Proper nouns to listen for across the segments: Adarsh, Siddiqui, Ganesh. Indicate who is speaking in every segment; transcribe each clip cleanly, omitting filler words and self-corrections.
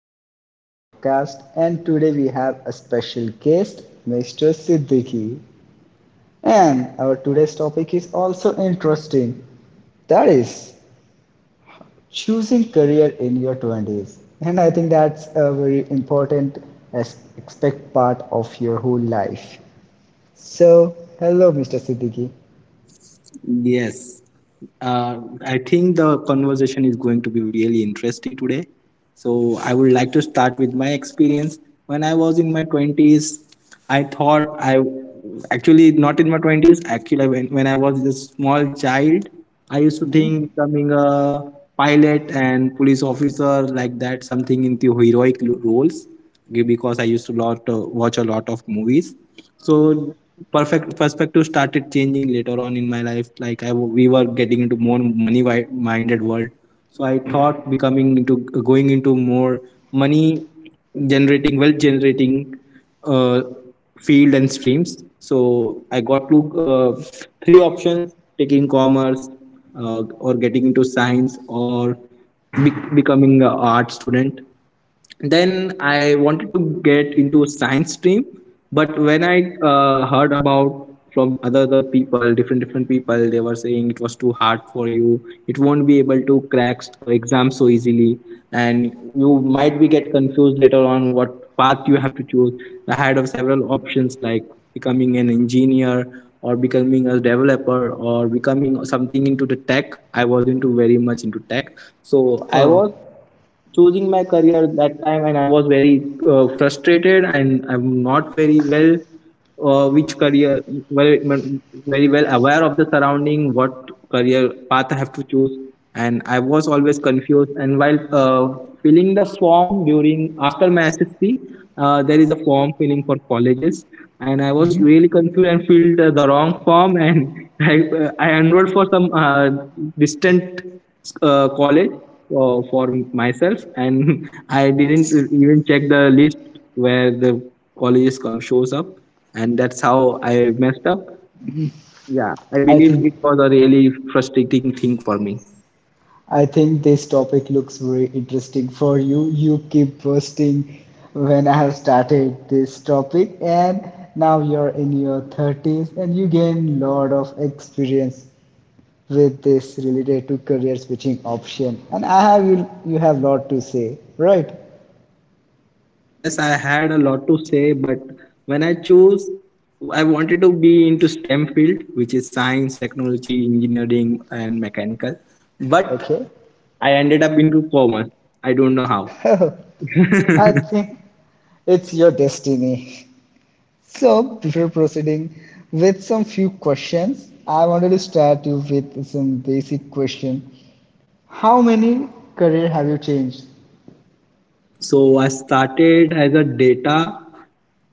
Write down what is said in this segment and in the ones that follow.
Speaker 1: our another podcast. And today we have a special guest, Mr. Siddiqui. And our today's topic is also interesting. That is choosing career in your 20s. And I think that's a very important as expect part of your whole life. So, hello, Mr. Siddiqui.
Speaker 2: Yes. Uh, I think the conversation is going to be really interesting today. So, I would like to start with my experience. When I was in my 20s, I thought I actually not in my 20s, actually, when I was a small child, I used to
Speaker 1: hmm
Speaker 2: think becoming a pilot and police officer like that, something into heroic roles because I used to lot watch a lot of movies. So perfect perspective started changing later on in my life. Like we were getting into more minded world. So I thought becoming into going into more money generating, wealth generating, uh, field and streams. So I got to uh, three options: taking commerce, uh, or getting into science, or becoming an art student. Then I wanted to get into science stream, but when I heard about from other people, different people, they were saying it was too hard for you, it won't be able to crack exam so easily, and you might be get confused later on what path you have to choose. I had of several options like becoming an engineer, or becoming a developer, or becoming something into the tech. I was into, very much into tech. So i
Speaker 1: Oh,
Speaker 2: was choosing my career that time, and I was very frustrated and I'm not very well, which career very, very well aware of the surrounding what career path I have to choose. And I was always confused, and while filling the form during after my SSC, there is a form filling for colleges, and I was really confused and filled the wrong form, and i, I enrolled for some distant college for myself, and I didn't even check the list where the colleges come shows up, and that's how I messed up. Yeah, I
Speaker 1: I
Speaker 2: believe
Speaker 1: think
Speaker 2: it was a really frustrating thing for me.
Speaker 1: I think this topic looks very interesting for you. You keep posting when I have started this topic, and now you're in your 30s and you gain lot of experience with this related to career switching option. And I have you have lot to say, right?
Speaker 2: Yes, I had a lot to say, but when I chose, I wanted to be into STEM field, which is science, technology, engineering and mechanical, but
Speaker 1: Okay.
Speaker 2: I ended up into commerce. I don't know how.
Speaker 1: I think it's your destiny. So, before proceeding with some few questions, I wanted to start you with some basic question. How many career have you changed?
Speaker 2: So I started as a data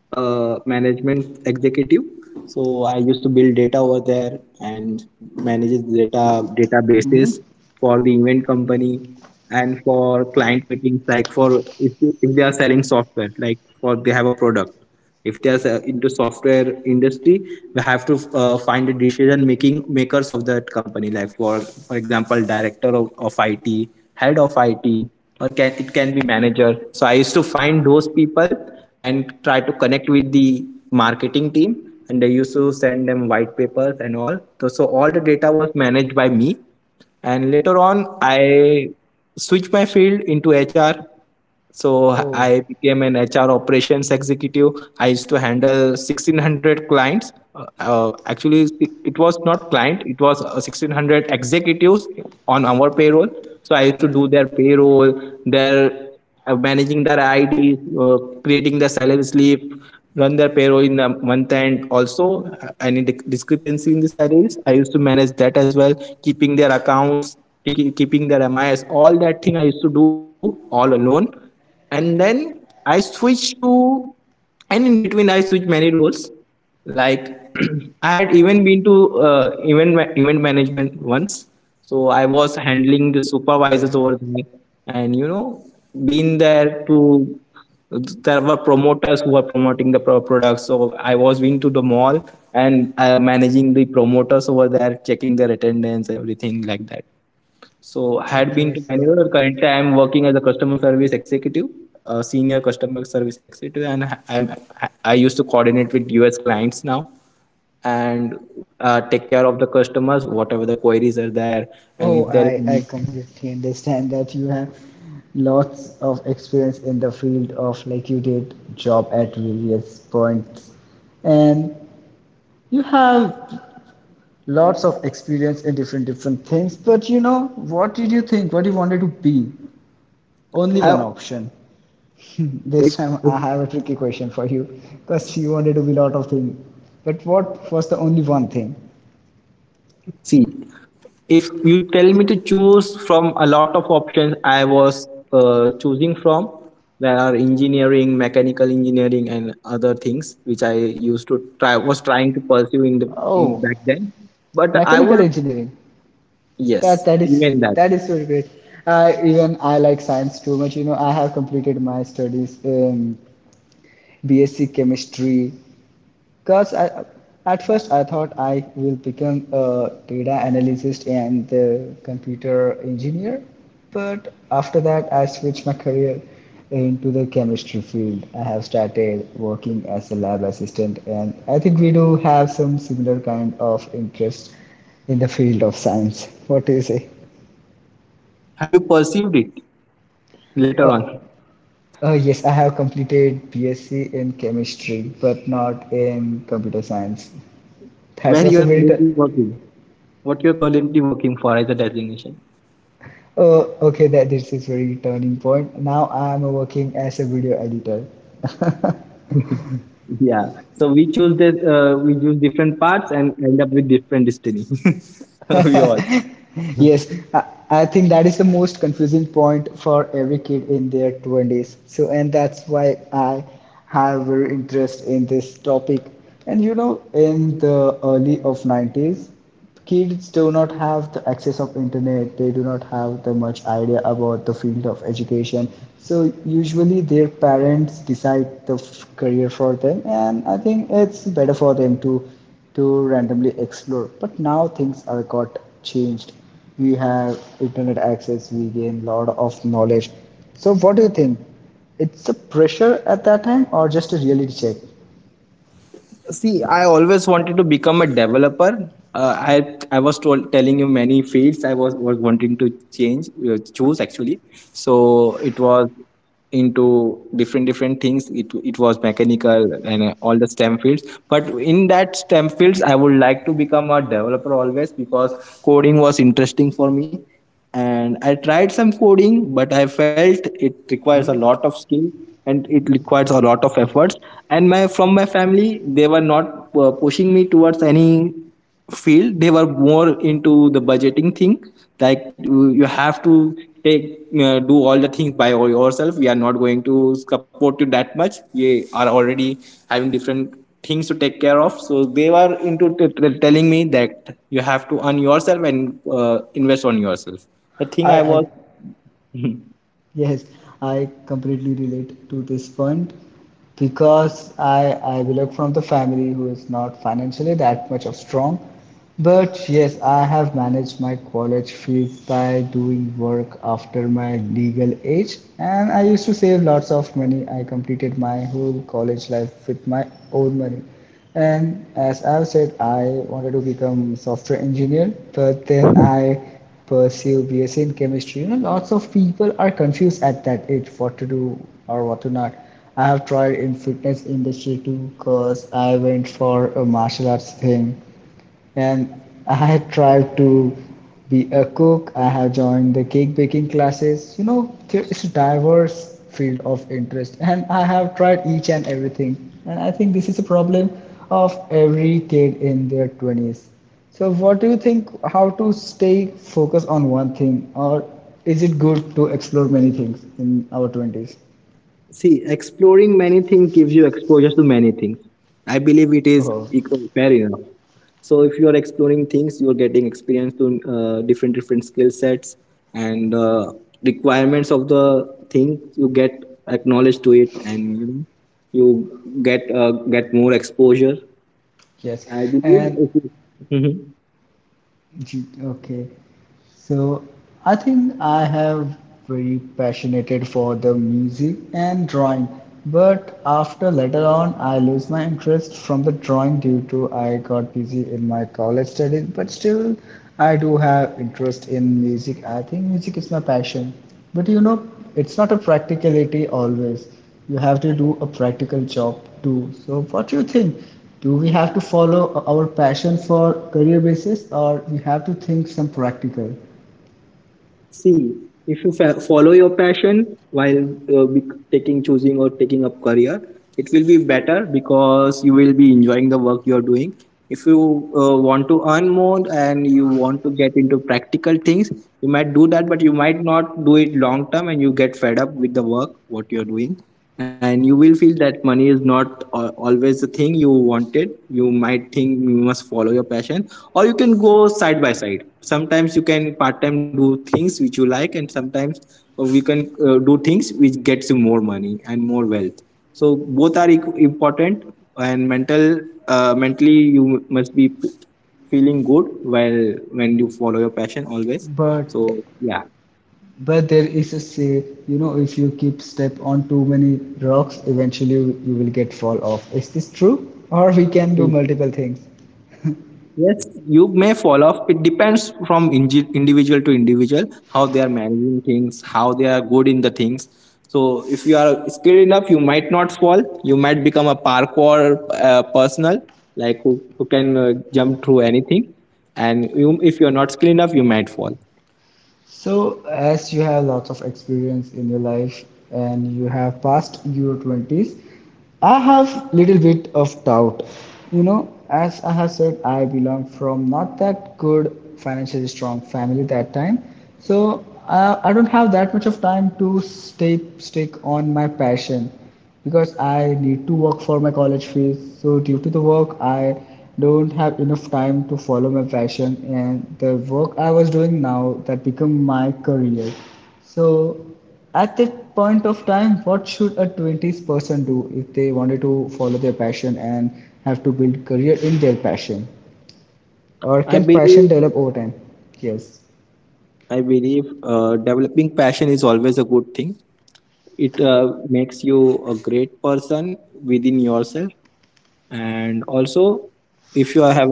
Speaker 2: management executive. So I used to build data over there and manages data
Speaker 1: hmm
Speaker 2: databases for the event company and for client meetings, like for if they are selling software, like for they have a product, if there's a, into software industry, we have to find the decision making makers of that company, like for example, director of IT, head of IT, or can it, can be manager. So I used to find those people and try to connect with the marketing team, and they used to send them white papers and all. So all the data was managed by me, and later on I switched my field into HR. So
Speaker 1: Oh,
Speaker 2: I became an HR operations executive. I used to handle 1,600 clients. Actually, it was not client, it was 1,600 executives on our payroll. So I used to do their payroll, their managing their ID, creating the salary slip, run their payroll in the month end. Also, any discrepancy in the salaries, I used to manage that as well, keeping their accounts, keeping their MIS, all that thing I used to do all alone. And then I switched to, and in between I switched many roles, like I had even been to event management once. So I was handling the
Speaker 1: yeah.
Speaker 2: supervisors over there, and you know, been there to, there were promoters who were promoting the products. So I was been to the mall and managing the promoters over there, checking their attendance, everything like that. So I had been
Speaker 1: Okay,
Speaker 2: to many
Speaker 1: so
Speaker 2: roles. Currently, I am working as a customer service executive, a senior customer service executive, and I used to coordinate with US clients now, and take care of the customers, whatever the queries are there, and
Speaker 1: oh,
Speaker 2: if there
Speaker 1: I
Speaker 2: is
Speaker 1: I
Speaker 2: any.
Speaker 1: completely understand that you have lots of experience in the field of like you did job at various points and you have lots of experience in different different things but you know what did you think what you wanted to be only
Speaker 2: I,
Speaker 1: one option.
Speaker 2: if,
Speaker 1: This time
Speaker 2: if,
Speaker 1: I have a tricky question for you because you wanted to be a lot of things. But what was the only one thing?
Speaker 2: See, if you tell me to choose from a lot of options, I was choosing from, there are engineering, mechanical engineering, and other things which I used to trying to pursue in the, in
Speaker 1: Oh,
Speaker 2: back then, but I
Speaker 1: mechanical
Speaker 2: would.
Speaker 1: engineering. That
Speaker 2: Yes,
Speaker 1: that is
Speaker 2: even that.
Speaker 1: that is very great. I even I like science too much. You know, I have completed my studies in BSc chemistry. Because I, at first I thought I will become a data analyst and a computer engineer, but after that I switched my career into the chemistry field. I have started working as a lab assistant, and I think we do have some similar kind of interest in the field of science. What do you say?
Speaker 2: Have you perceived it later
Speaker 1: Uh,
Speaker 2: on
Speaker 1: yes, I have completed BSc in chemistry, but not in computer science. That
Speaker 2: where you
Speaker 1: was a
Speaker 2: are
Speaker 1: very t-
Speaker 2: currently working, what you're currently working for as a designation?
Speaker 1: Oh, okay, that this is very turning point. Now I am working as a video editor.
Speaker 2: Yeah, so we choose different parts and end up with different destiny. We all.
Speaker 1: Yes, I, I think that is the most confusing point for every kid in their 20s. So, and that's why I have very interest in this topic. And you know, in the early of 90s, kids do not have the access of internet. They do not have the much idea about the field of education. So usually their parents decide the career for them, and I think it's better for them to randomly explore. But now things are got changed. We have internet access, we gain lot of knowledge. So what do you think, it's a pressure at that time or just a reality check?
Speaker 2: See, I always wanted to become a developer. I was told, telling you many fields I was wanting to change, choose actually. So it was into different things. It was mechanical and all the STEM fields. But in that STEM fields, I would like to become a developer always because coding was interesting for me, and I tried some coding but I felt it requires a lot of skill and it requires a lot of efforts. And my, from my family, they were not pushing me towards any field. They were more into the budgeting thing, like you have to take, do all the things by all yourself, we are not going to support you that much, we are already having different things to take care of. So they were into telling me that you have to earn yourself and invest on yourself. The thing I
Speaker 1: I
Speaker 2: was,
Speaker 1: Yes, I completely relate to this point because I belong from the family who is not financially that much of strong. But yes, I have managed my college fees by doing work after my legal age, and I used to save lots of money. I completed my whole college life with my own money. And as I've said, I wanted to become software engineer, but then I pursue BSc in chemistry. You know, lots of people are confused at that age what to do or what to not. I have tried in fitness industry too, cause I went for a martial arts thing and I have tried to be a cook. I have joined the cake baking classes. You know, there is a diverse field of interest, and I have tried each and everything. And I think this is a problem of every kid in their 20s. So, what do you think? How to stay focused on one thing, or is it good to explore many things in our 20s?
Speaker 2: see, exploring many things gives you exposure to many things. I believe it is
Speaker 1: Oh,
Speaker 2: equal, fair enough. So if you are exploring things, you are getting experience to different skill sets and requirements of the thing. You get acknowledged to it, and you know, you get more exposure.
Speaker 1: yes.
Speaker 2: I believe
Speaker 1: And,
Speaker 2: if you. Mhm.
Speaker 1: gee, okay. So I think I have very passionate for the music and drawing, but after later on I lose my interest from the drawing due to I got busy in my college studies. But still, I do have interest in music. I think music is my passion, but you know it's not a practicality always. You have to do a practical job too. So what do you think? Do we have to follow our passion for career basis, or we have to think some practical?
Speaker 2: See, if you follow your passion while be- taking choosing or taking up career, it will be better because you will be enjoying the work you are doing. If you want to earn more and you want to get into practical things, you might do that, but you might not do it long term, and you get fed up with the work what you are doing, and you will feel that money is not always the thing you wanted. You might think you must follow your passion, or you can go side by side. Sometimes you can part time do things which you like, and sometimes we can do things which gets you more money and more wealth. So both are important, and mentally you must be feeling good while, when you follow your passion always.
Speaker 1: But
Speaker 2: So yeah.
Speaker 1: but there is a say, you know, if you keep step on too many rocks, eventually you will get fall off. Is this true? Or we can do multiple things.
Speaker 2: Yes, you may fall off. It depends from individual to individual, how they are managing things, how they are good in the things. So, if you are skilled enough, you might not fall. You might become a parkour personal, like who can jump through anything. And you, if you are not skilled enough, you might fall.
Speaker 1: So, as you have lots of experience in your life and you have passed your 20s, I have little bit of doubt. You know, as I have said, I belong from not that good financially strong family that time. So, I don't have that much of time to stay stick on my passion because I need to work for my college fees. So due to the work, I don't have enough time to follow my passion and the work I was doing now that become my career. So at that point of time, what should a 20s person do if they wanted to follow their passion and have to build career in their passion? Or
Speaker 2: I
Speaker 1: can passion
Speaker 2: believe,
Speaker 1: develop over time? Yes.
Speaker 2: Developing passion is always a good thing. It makes you a great person within yourself. And also, if you have,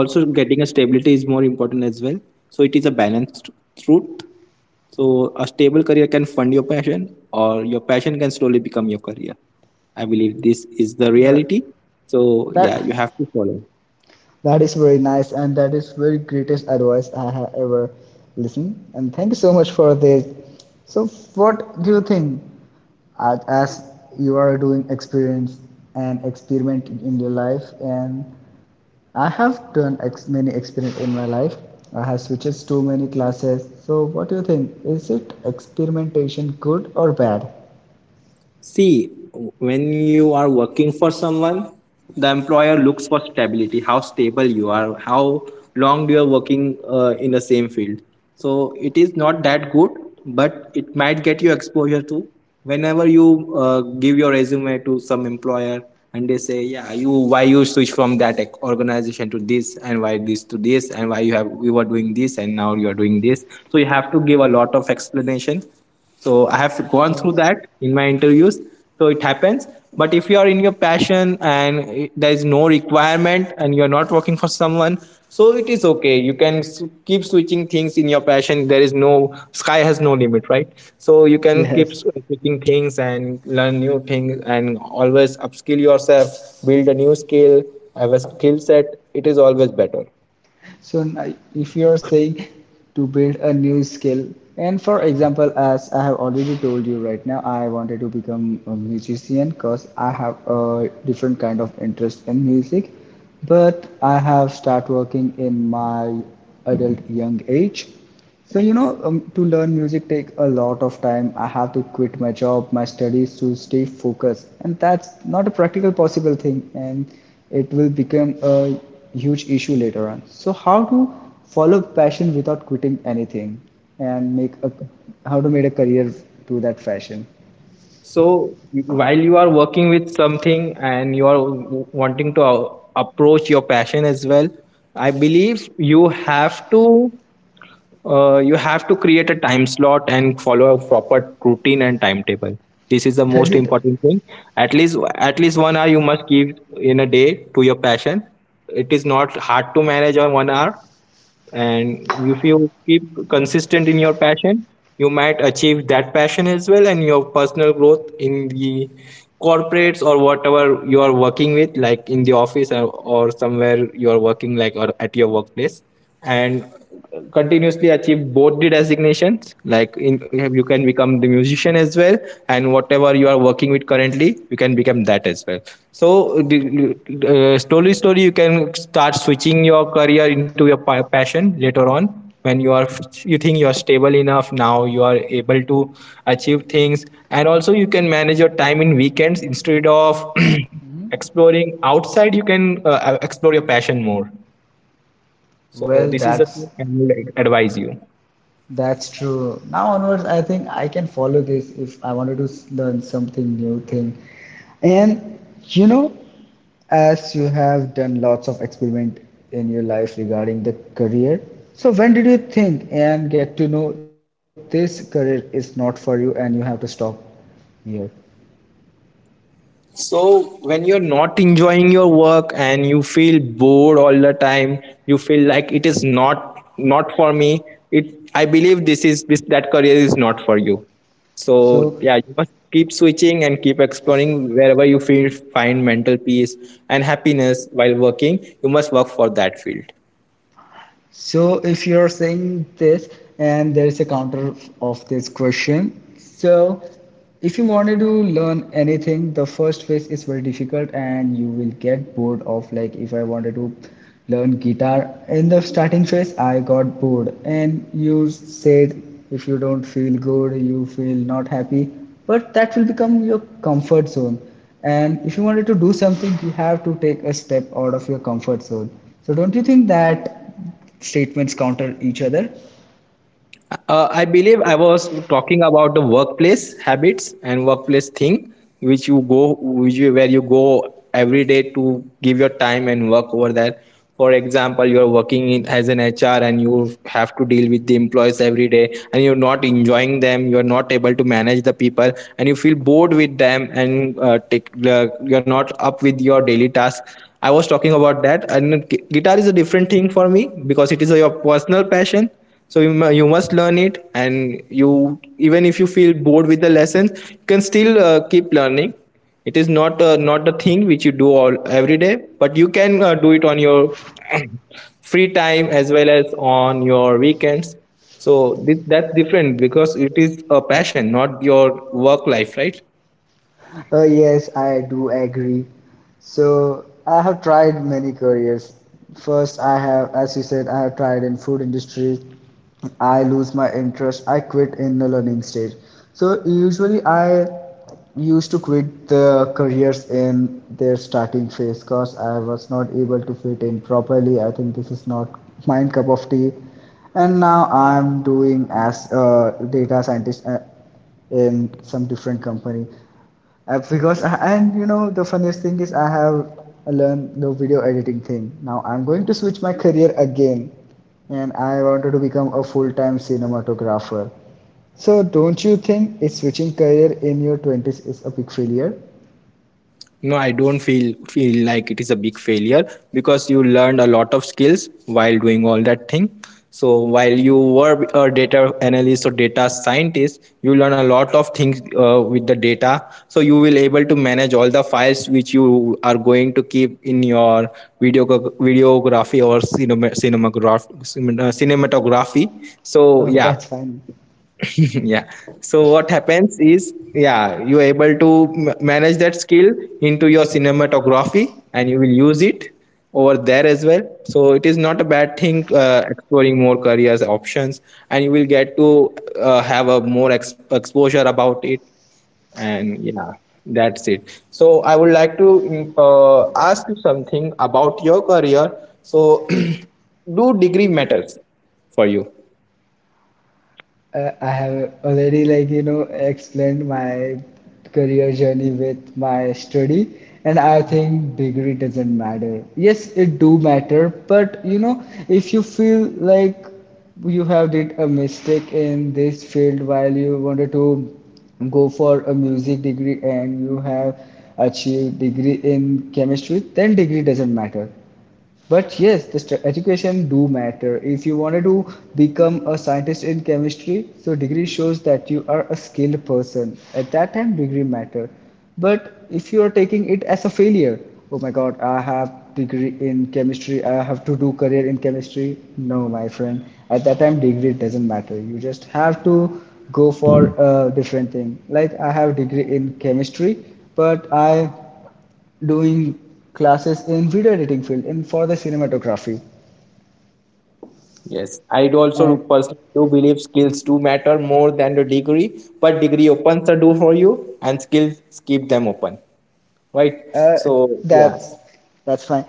Speaker 2: also getting a stability is more important as well. So it is a balanced route. So a stable career can fund your passion, or your passion can slowly become your career. I believe this is the
Speaker 1: The,
Speaker 2: reality. So yeah,
Speaker 1: that
Speaker 2: you have to follow.
Speaker 1: That is very nice, and that is very greatest advice I have ever listened. And thank you so much for this. So, what do you think, as you are doing experience and experiment in your life, and I have done many experiments in my life. I have switched to many classes. So, what do you think? Is it experimentation good or bad?
Speaker 2: See, when you are working for someone, the employer looks for stability, how stable you are, how long you are working in the same field. So it is not that good, but it might get you exposure to, whenever you give your resume to some employer, and they say, yeah, you, why you switch from that organization to this, and why this to this, and why you have, you were doing this and now you are doing this. So you have to give a lot of explanation. So I have gone through
Speaker 1: Yes.
Speaker 2: that in my interviews, so it happens. But if you are in your passion and it, there is no requirement and you are not working for someone, so it is okay, you can keep switching things in your passion. There is no, sky has no limit, right? So you can keep
Speaker 1: Yes.
Speaker 2: switching things and learn new things and always upskill yourself, build a new skill, have a skill set. It is always better.
Speaker 1: So if you are saying to build a new skill and for example as I have already told you right now I wanted to become a musician because I have a different kind of interest in music but I have start working in my adult young age. So, you know, to learn music take a lot of time. I have to quit my job, my studies to stay focused, and that's not a practical possible thing, and it will become a huge issue later on. So, how to follow passion without quitting anything, and make a how to make a career to that fashion?
Speaker 2: So while you are working with something, and you are wanting to approach your passion as well, I believe you have to create a time slot and follow a proper routine and timetable. This is the
Speaker 1: Does
Speaker 2: most
Speaker 1: it?
Speaker 2: important thing. At least 1 hour you must give in a day to your passion. It is not hard to manage on 1 hour, and if you keep consistent in your passion, you might achieve that passion as well and your personal growth in the corporates or whatever you are working with, like in the office or somewhere you are working, like or at your workplace, and continuously achieve both the designations, like, in you can become the musician as well, and whatever you are working with currently, you can become that as well. So the- uh, slowly slowly you can start switching your career into your passion later on, when you are, you think you are stable enough, now you are able to achieve things. And also you can manage your time in weekends instead of exploring outside, you can explore your passion more. So
Speaker 1: Well,
Speaker 2: this is the thing
Speaker 1: that's
Speaker 2: I would advise you.
Speaker 1: That's true. Now onwards, I think I can follow this if I wanted to learn something new thing. And you know, as you have done lots of experiment in your life regarding the career, so when did you think and get to know this career is not for you and you have to stop here?
Speaker 2: So when you're not enjoying your work and you feel bored all the time, you feel like it is not not for me. It, I believe this is this that career is not for you. So
Speaker 1: So
Speaker 2: yeah, you must keep switching and keep exploring wherever you feel find mental peace and happiness while working. You must work for that field.
Speaker 1: So if you're saying this and there is a counter of this question, so if you wanted to learn anything, the first phase is very difficult and you will get bored of like if I wanted to learn guitar in the starting phase, I got bored and you said if you don't feel good, you feel not happy, but that will become your comfort zone. And if you wanted to do something, you have to take a step out of your comfort zone. So don't you think that statements counter each other?
Speaker 2: I believe I was talking about the workplace habits and workplace thing, which you go, which you, where you go every day to give your time and work over that. For example, you are working in, as an HR, and you have to deal with the employees every day, and you're not enjoying them. You are not able to manage the people, and you feel bored with them, and take, you're not up with your daily tasks. I was talking about that. And guitar is a different thing for me because it is a, your personal passion, so you, you must learn it, and you, even if you feel bored with the lessons, you can still keep learning. It is not not the thing which you do all every day, but you can do it on your free time as well as on your weekends. So this, that's different because it is a passion, not your work life, right?
Speaker 1: Oh, yes, I do agree. So, I have tried many careers. First, I have, as you said, I have tried in food industry. I lose my interest. I quit in the learning stage. So, usually I used to quit the careers in their starting phase because I was not able to fit in properly. I think this is not my cup of tea. And now I'm doing as a data scientist in some different company. Because I, and you know the funniest thing is I have learned the video editing thing. Now I'm going to switch my career again, and I wanted to become a full-time cinematographer. So don't you think it's switching career in your 20s is a big failure?
Speaker 2: No, I don't feel like it is a big failure because you learned a lot of skills while doing all that thing. So while you were a data analyst or data scientist, you learn a lot of things with the data. So you will able to manage all the files which you are going to keep in your video videography or cinema, cinematograph, cinematography. So
Speaker 1: Oh, that's
Speaker 2: yeah,
Speaker 1: fine.
Speaker 2: yeah, so what happens is, yeah, you're able to manage that skill into your cinematography, and you will use it over there as well. So it is not a bad thing, exploring more careers options, and you will get to have a more exposure about it. And yeah, that's it. So I would like to ask you something about your career. So do degree matters for you?
Speaker 1: I have already like you know explained my career journey with my study and I think degree doesn't matter. Yes, it do matter, but you know if you feel like you have did a mistake in this field while you wanted to go for a music degree and you have achieved degree in chemistry, then degree doesn't matter. But yes, the education do matter. If you wanted to become a scientist in chemistry, so degree shows that you are a skilled person. At that time, degree matter. But if you are taking it as a failure, oh my God, I have degree in chemistry. I have to do career in chemistry. No, my friend. At that time, degree doesn't matter. You just have to go for a different thing. Like I have degree in chemistry, but I doing classes in video editing field and for the cinematography
Speaker 2: Yes, I do also
Speaker 1: and
Speaker 2: personally do believe skills do matter more than the degree, but degree opens the door for you, and skills keep them open, right?
Speaker 1: uh,
Speaker 2: So yeah,
Speaker 1: that's that's fine,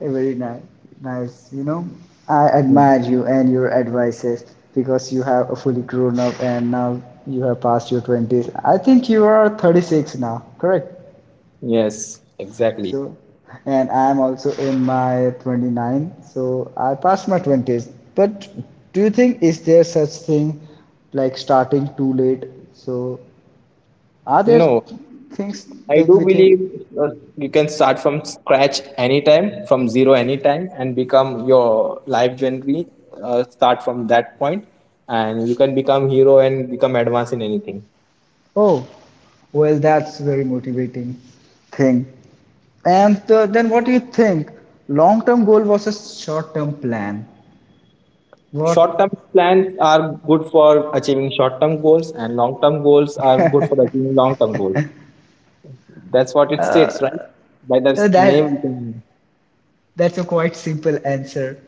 Speaker 1: very nice, nice. I
Speaker 2: hmm.
Speaker 1: admire you and your advices because you have a fully grown up, and now you have passed your 20s. I think you are 36 now, correct?
Speaker 2: Yes, exactly.
Speaker 1: So and I am also in my 29, so I passed my 20s. But do you think is there such thing like starting too late? So are there
Speaker 2: No,
Speaker 1: things
Speaker 2: I
Speaker 1: like
Speaker 2: do
Speaker 1: we
Speaker 2: believe
Speaker 1: think?
Speaker 2: uh, you can start from scratch anytime, from zero anytime, and become your life journey. Start from that point, and you can become hero and become advanced in anything.
Speaker 1: Oh, well, that's very motivating thing. And then what do you think? Long-term goal versus short-term plan. What?
Speaker 2: Short-term plans are good for achieving short-term goals, and long-term goals are good for achieving long-term goals. That's what it states, right? By the
Speaker 1: uh,
Speaker 2: name, you
Speaker 1: that
Speaker 2: can-
Speaker 1: that's a quite simple answer.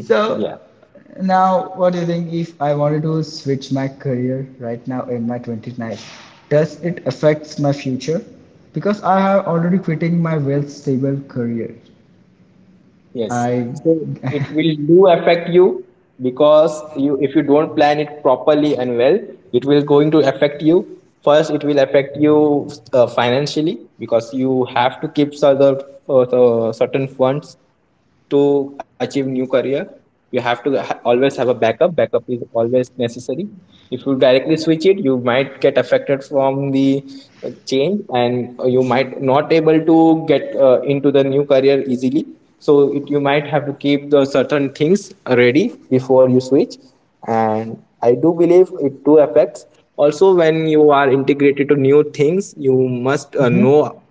Speaker 1: So
Speaker 2: yeah,
Speaker 1: now, what do you think? If I wanted to switch my career right now in my 29, does it affects my future? Because I have already quitting my well-stable career.
Speaker 2: yes.
Speaker 1: I
Speaker 2: So it will do affect you because you, if you don't plan it properly and well, it will going to affect you. First, it will affect you financially, because you have to keep certain certain funds to achieve new career. You have to always have a backup. Backup is always necessary. If you directly switch it, you might get affected from the change, and you might not able to get into the new career easily. So it, you might have to keep the certain things ready before you switch. And I do believe it do affects. Also, when you are integrated to new things, you must
Speaker 1: mm-hmm.
Speaker 2: know,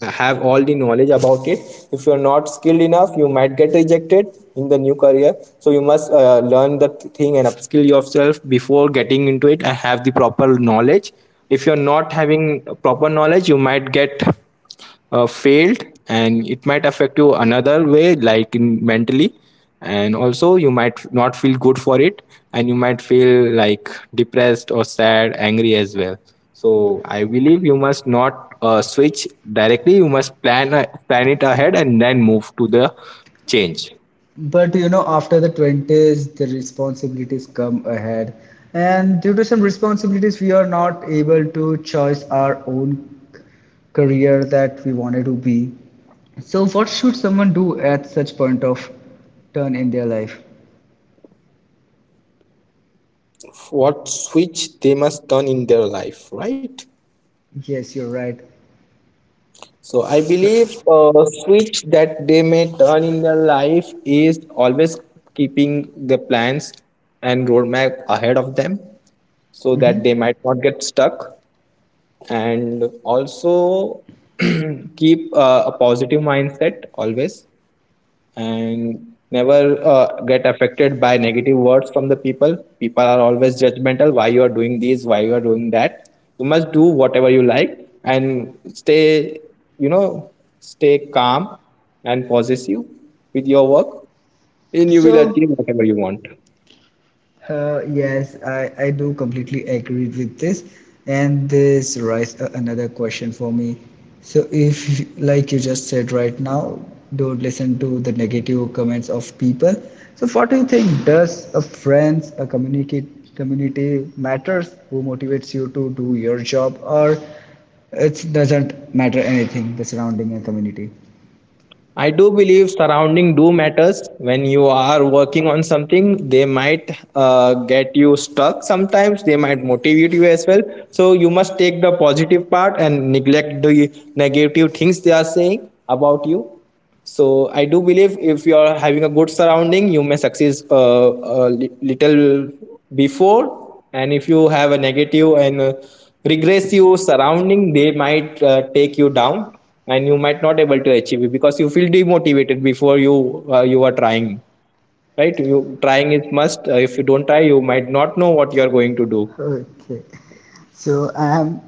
Speaker 2: have all the knowledge about it. If you are not skilled enough, you might get rejected in the new career, so you must learn the thing and upskill yourself before getting into it and have the proper knowledge. If you're not having proper knowledge, you might get failed, and it might affect you another way, like in mentally. And also you might not feel good for it, and you might feel like depressed or sad, angry as well. So I believe you must not switch directly. You must plan it ahead and then move to the change.
Speaker 1: But you know, after the 20s, the responsibilities come ahead. And due to some responsibilities, we are not able to choose our own career that we wanted to be. So, what should someone do at such point of turn in their life?
Speaker 2: What switch they must turn in their life, right?
Speaker 1: Yes, you're right.
Speaker 2: So I believe a switch that they may turn in their life is always keeping the plans and roadmap ahead of them so that
Speaker 1: Hmm.
Speaker 2: they might not get stuck. And also keep a positive mindset always, and never get affected by negative words from the people. People are always judgmental, why you are doing this, why you are doing that. You must do whatever you like and stay, you know, stay calm and possessive with your work, and you will achieve
Speaker 1: So,
Speaker 2: whatever you want.
Speaker 1: Yes, I do completely agree with this. And this raises another question for me. So if, like you just said right now, don't listen to the negative comments of people. So what do you think? Does a friends, a communicate community matters who motivates you to do your job, or it doesn't matter anything, the surrounding and community?
Speaker 2: I do believe surrounding do matters when you are working on something. They might get you stuck sometimes. They might motivate you as well. So you must take the positive part and neglect the negative things they are saying about you. So I do believe if you are having a good surrounding, you may succeed little before, and if you have a negative and regressive surrounding, they might take you down, and you might not able to achieve it because you feel demotivated before you you are trying, right? You trying is must. If you don't try, you might not know what you are going to do.
Speaker 1: Okay. So I am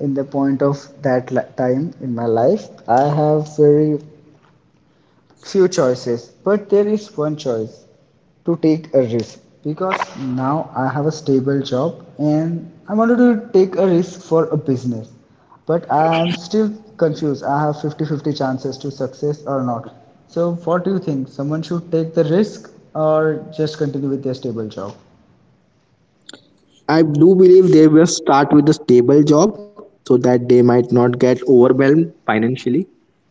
Speaker 1: in the point of that li- time in my life. I have very few choices, but there is one choice to take a risk because now I have a stable job, and I wanted to take a risk for a business. But I am still confused. I have fifty-fifty chances to success or not. So what do you think? Someone should take the risk or just continue with their stable job?
Speaker 2: I do believe they will start with a stable job so that they might not get overwhelmed financially,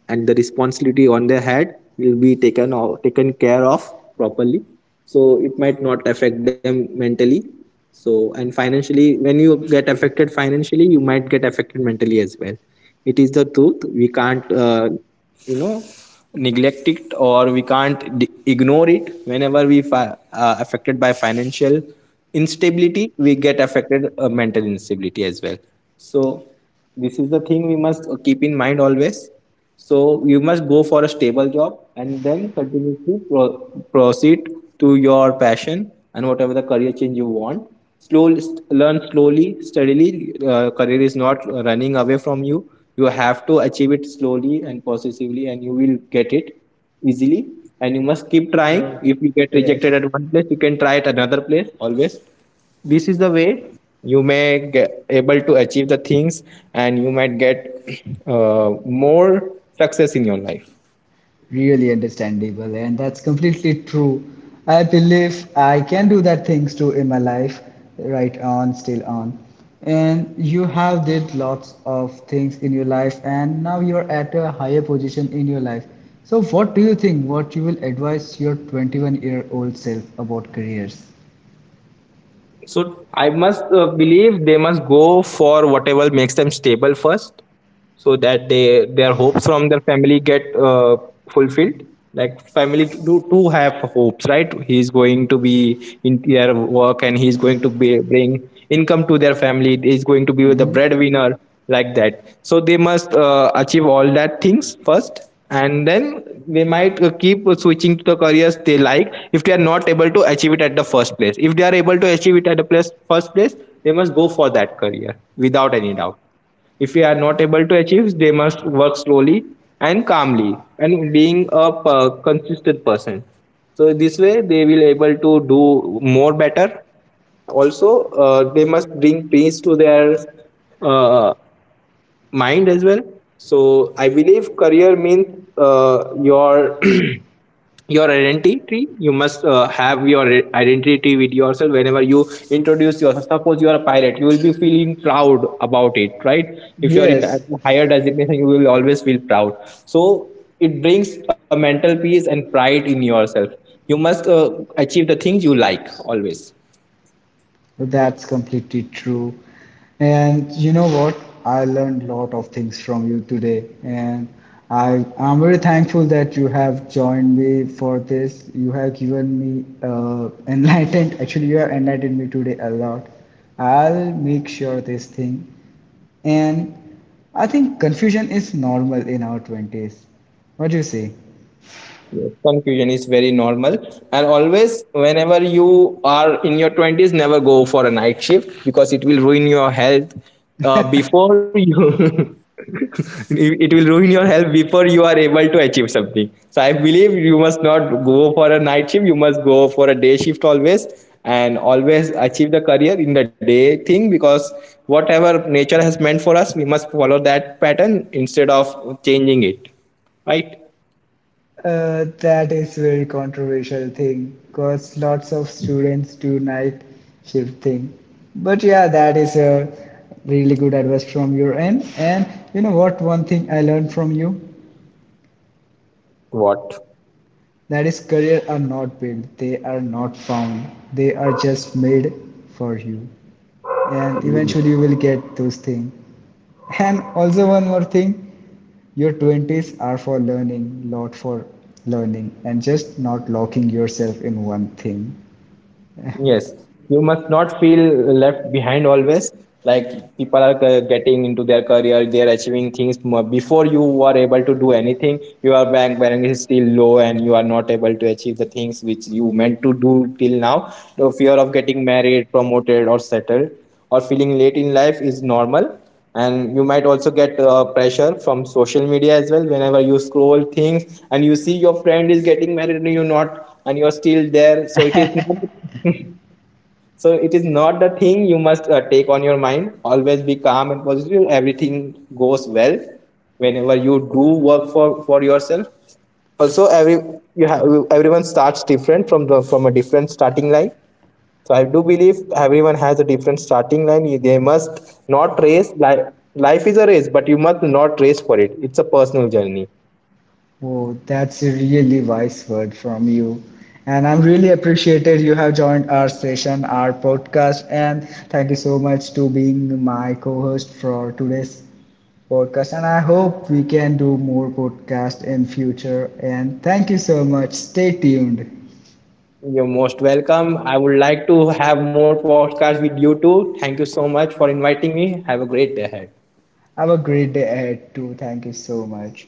Speaker 2: and the responsibility on their head will be taken or taken care of properly, so it might not affect them mentally. So, and financially, when you get affected financially, you might get affected mentally as well. It is the truth. We can't, you know, neglect it, or we can't ignore it. Whenever we affected by financial instability, we get affected mental instability as well. So this is the thing we must keep in mind always. So you must go for a stable job and then continuously proceed to your passion and whatever the career change you want. Slowly learn slowly, steadily. Career is not running away from you. You have to achieve it slowly and positively, and you will get it easily. And you must keep trying.
Speaker 1: Uh,
Speaker 2: If you get
Speaker 1: yes.
Speaker 2: rejected at one place, you can try at another place always. This is the way you may get able to achieve the things, and you might get more success in your life.
Speaker 1: Really understandable, and that's completely true. I believe I can do that things too in my life, right on, still on. And you have did lots of things in your life, and now you are at a higher position in your life. So, what do you think? What you will advise your 21-year-old self about careers?
Speaker 2: So I must believe they must go for whatever makes them stable first, so that they, their hopes from their family get fulfilled. Like family do do have hopes, right? He's going to be in their work, and he's going to be, bring income to their family. He's going to be the breadwinner, like that. So they must achieve all that things first, and then they might keep switching to the careers they like, if they are not able to achieve it at the first place. If they are able to achieve it at the place, first place, they must go for that career without any doubt. If they are not able to achieve, they must work slowly and calmly, and being a consistent person. So this way they will able to do more better. Also, they must bring peace to their uh, mind as well. So I believe career means your your identity. You must have your identity with yourself. Whenever you introduce yourself, suppose you are a pilot, you will be feeling proud about it, right? If you are in a
Speaker 1: Yes,
Speaker 2: higher designation, you will always feel proud. So it brings a mental peace and pride in yourself. You must achieve the things you like always.
Speaker 1: that's completely true. And you know what? I learned a lot of things from you today, and I'm very thankful that you have joined me for this. You have given me enlightened. Actually, you have enlightened me today a lot. I'll make sure this thing. And I think confusion is normal in our 20s. What do you say?
Speaker 2: Yes, confusion is very normal. And always, whenever you are in your 20s, never go for a night shift because it will ruin your health before you. It will ruin your health before you are able to achieve something. So I believe you must not go for a night shift. You must go for a day shift always, and always achieve the career in the day thing, because whatever nature has meant for us, we must follow that pattern instead of changing it. Right?
Speaker 1: That is very controversial thing because lots of students do night shift thing. But yeah, that is a really good advice from your end. And you know what? One thing I learned from you.
Speaker 2: What?
Speaker 1: That is, careers are not built, they are not found, they are just made for you. And eventually, you will get those things. And also, one more thing, your 20s are for learning, lot for learning, and just not locking yourself in one thing.
Speaker 2: Yes, you must not feel left behind always. Like, people are getting into their career, they are achieving things before you are able to do anything. Your bank balance is still low, and you are not able to achieve the things which you meant to do till now. The fear of getting married, promoted, or settled, or feeling late in life is normal. And you might also get pressure from social media as well. Whenever you scroll things and you see your friend is getting married and you not, and you're still there, so it is not so it is not the thing you must take on your mind. Always be calm and positive, everything goes well whenever you do work for yourself. Also every, you have, everyone starts different from a different starting line. So I do believe everyone has a different starting line. You- they must not race. Life is a race, but you must not race for it. It's a personal journey.
Speaker 1: Oh, that's a really wise word from you. And I'm really appreciated you have joined our session, our podcast, and thank you so much to being my co-host for today's podcast, and I hope we can do more podcast in future, and thank you so much. Stay tuned.
Speaker 2: You're most welcome. I would like to have more podcasts with you too. Thank you so much for inviting me. Have a great day ahead.
Speaker 1: Have a great day ahead too. Thank you so much.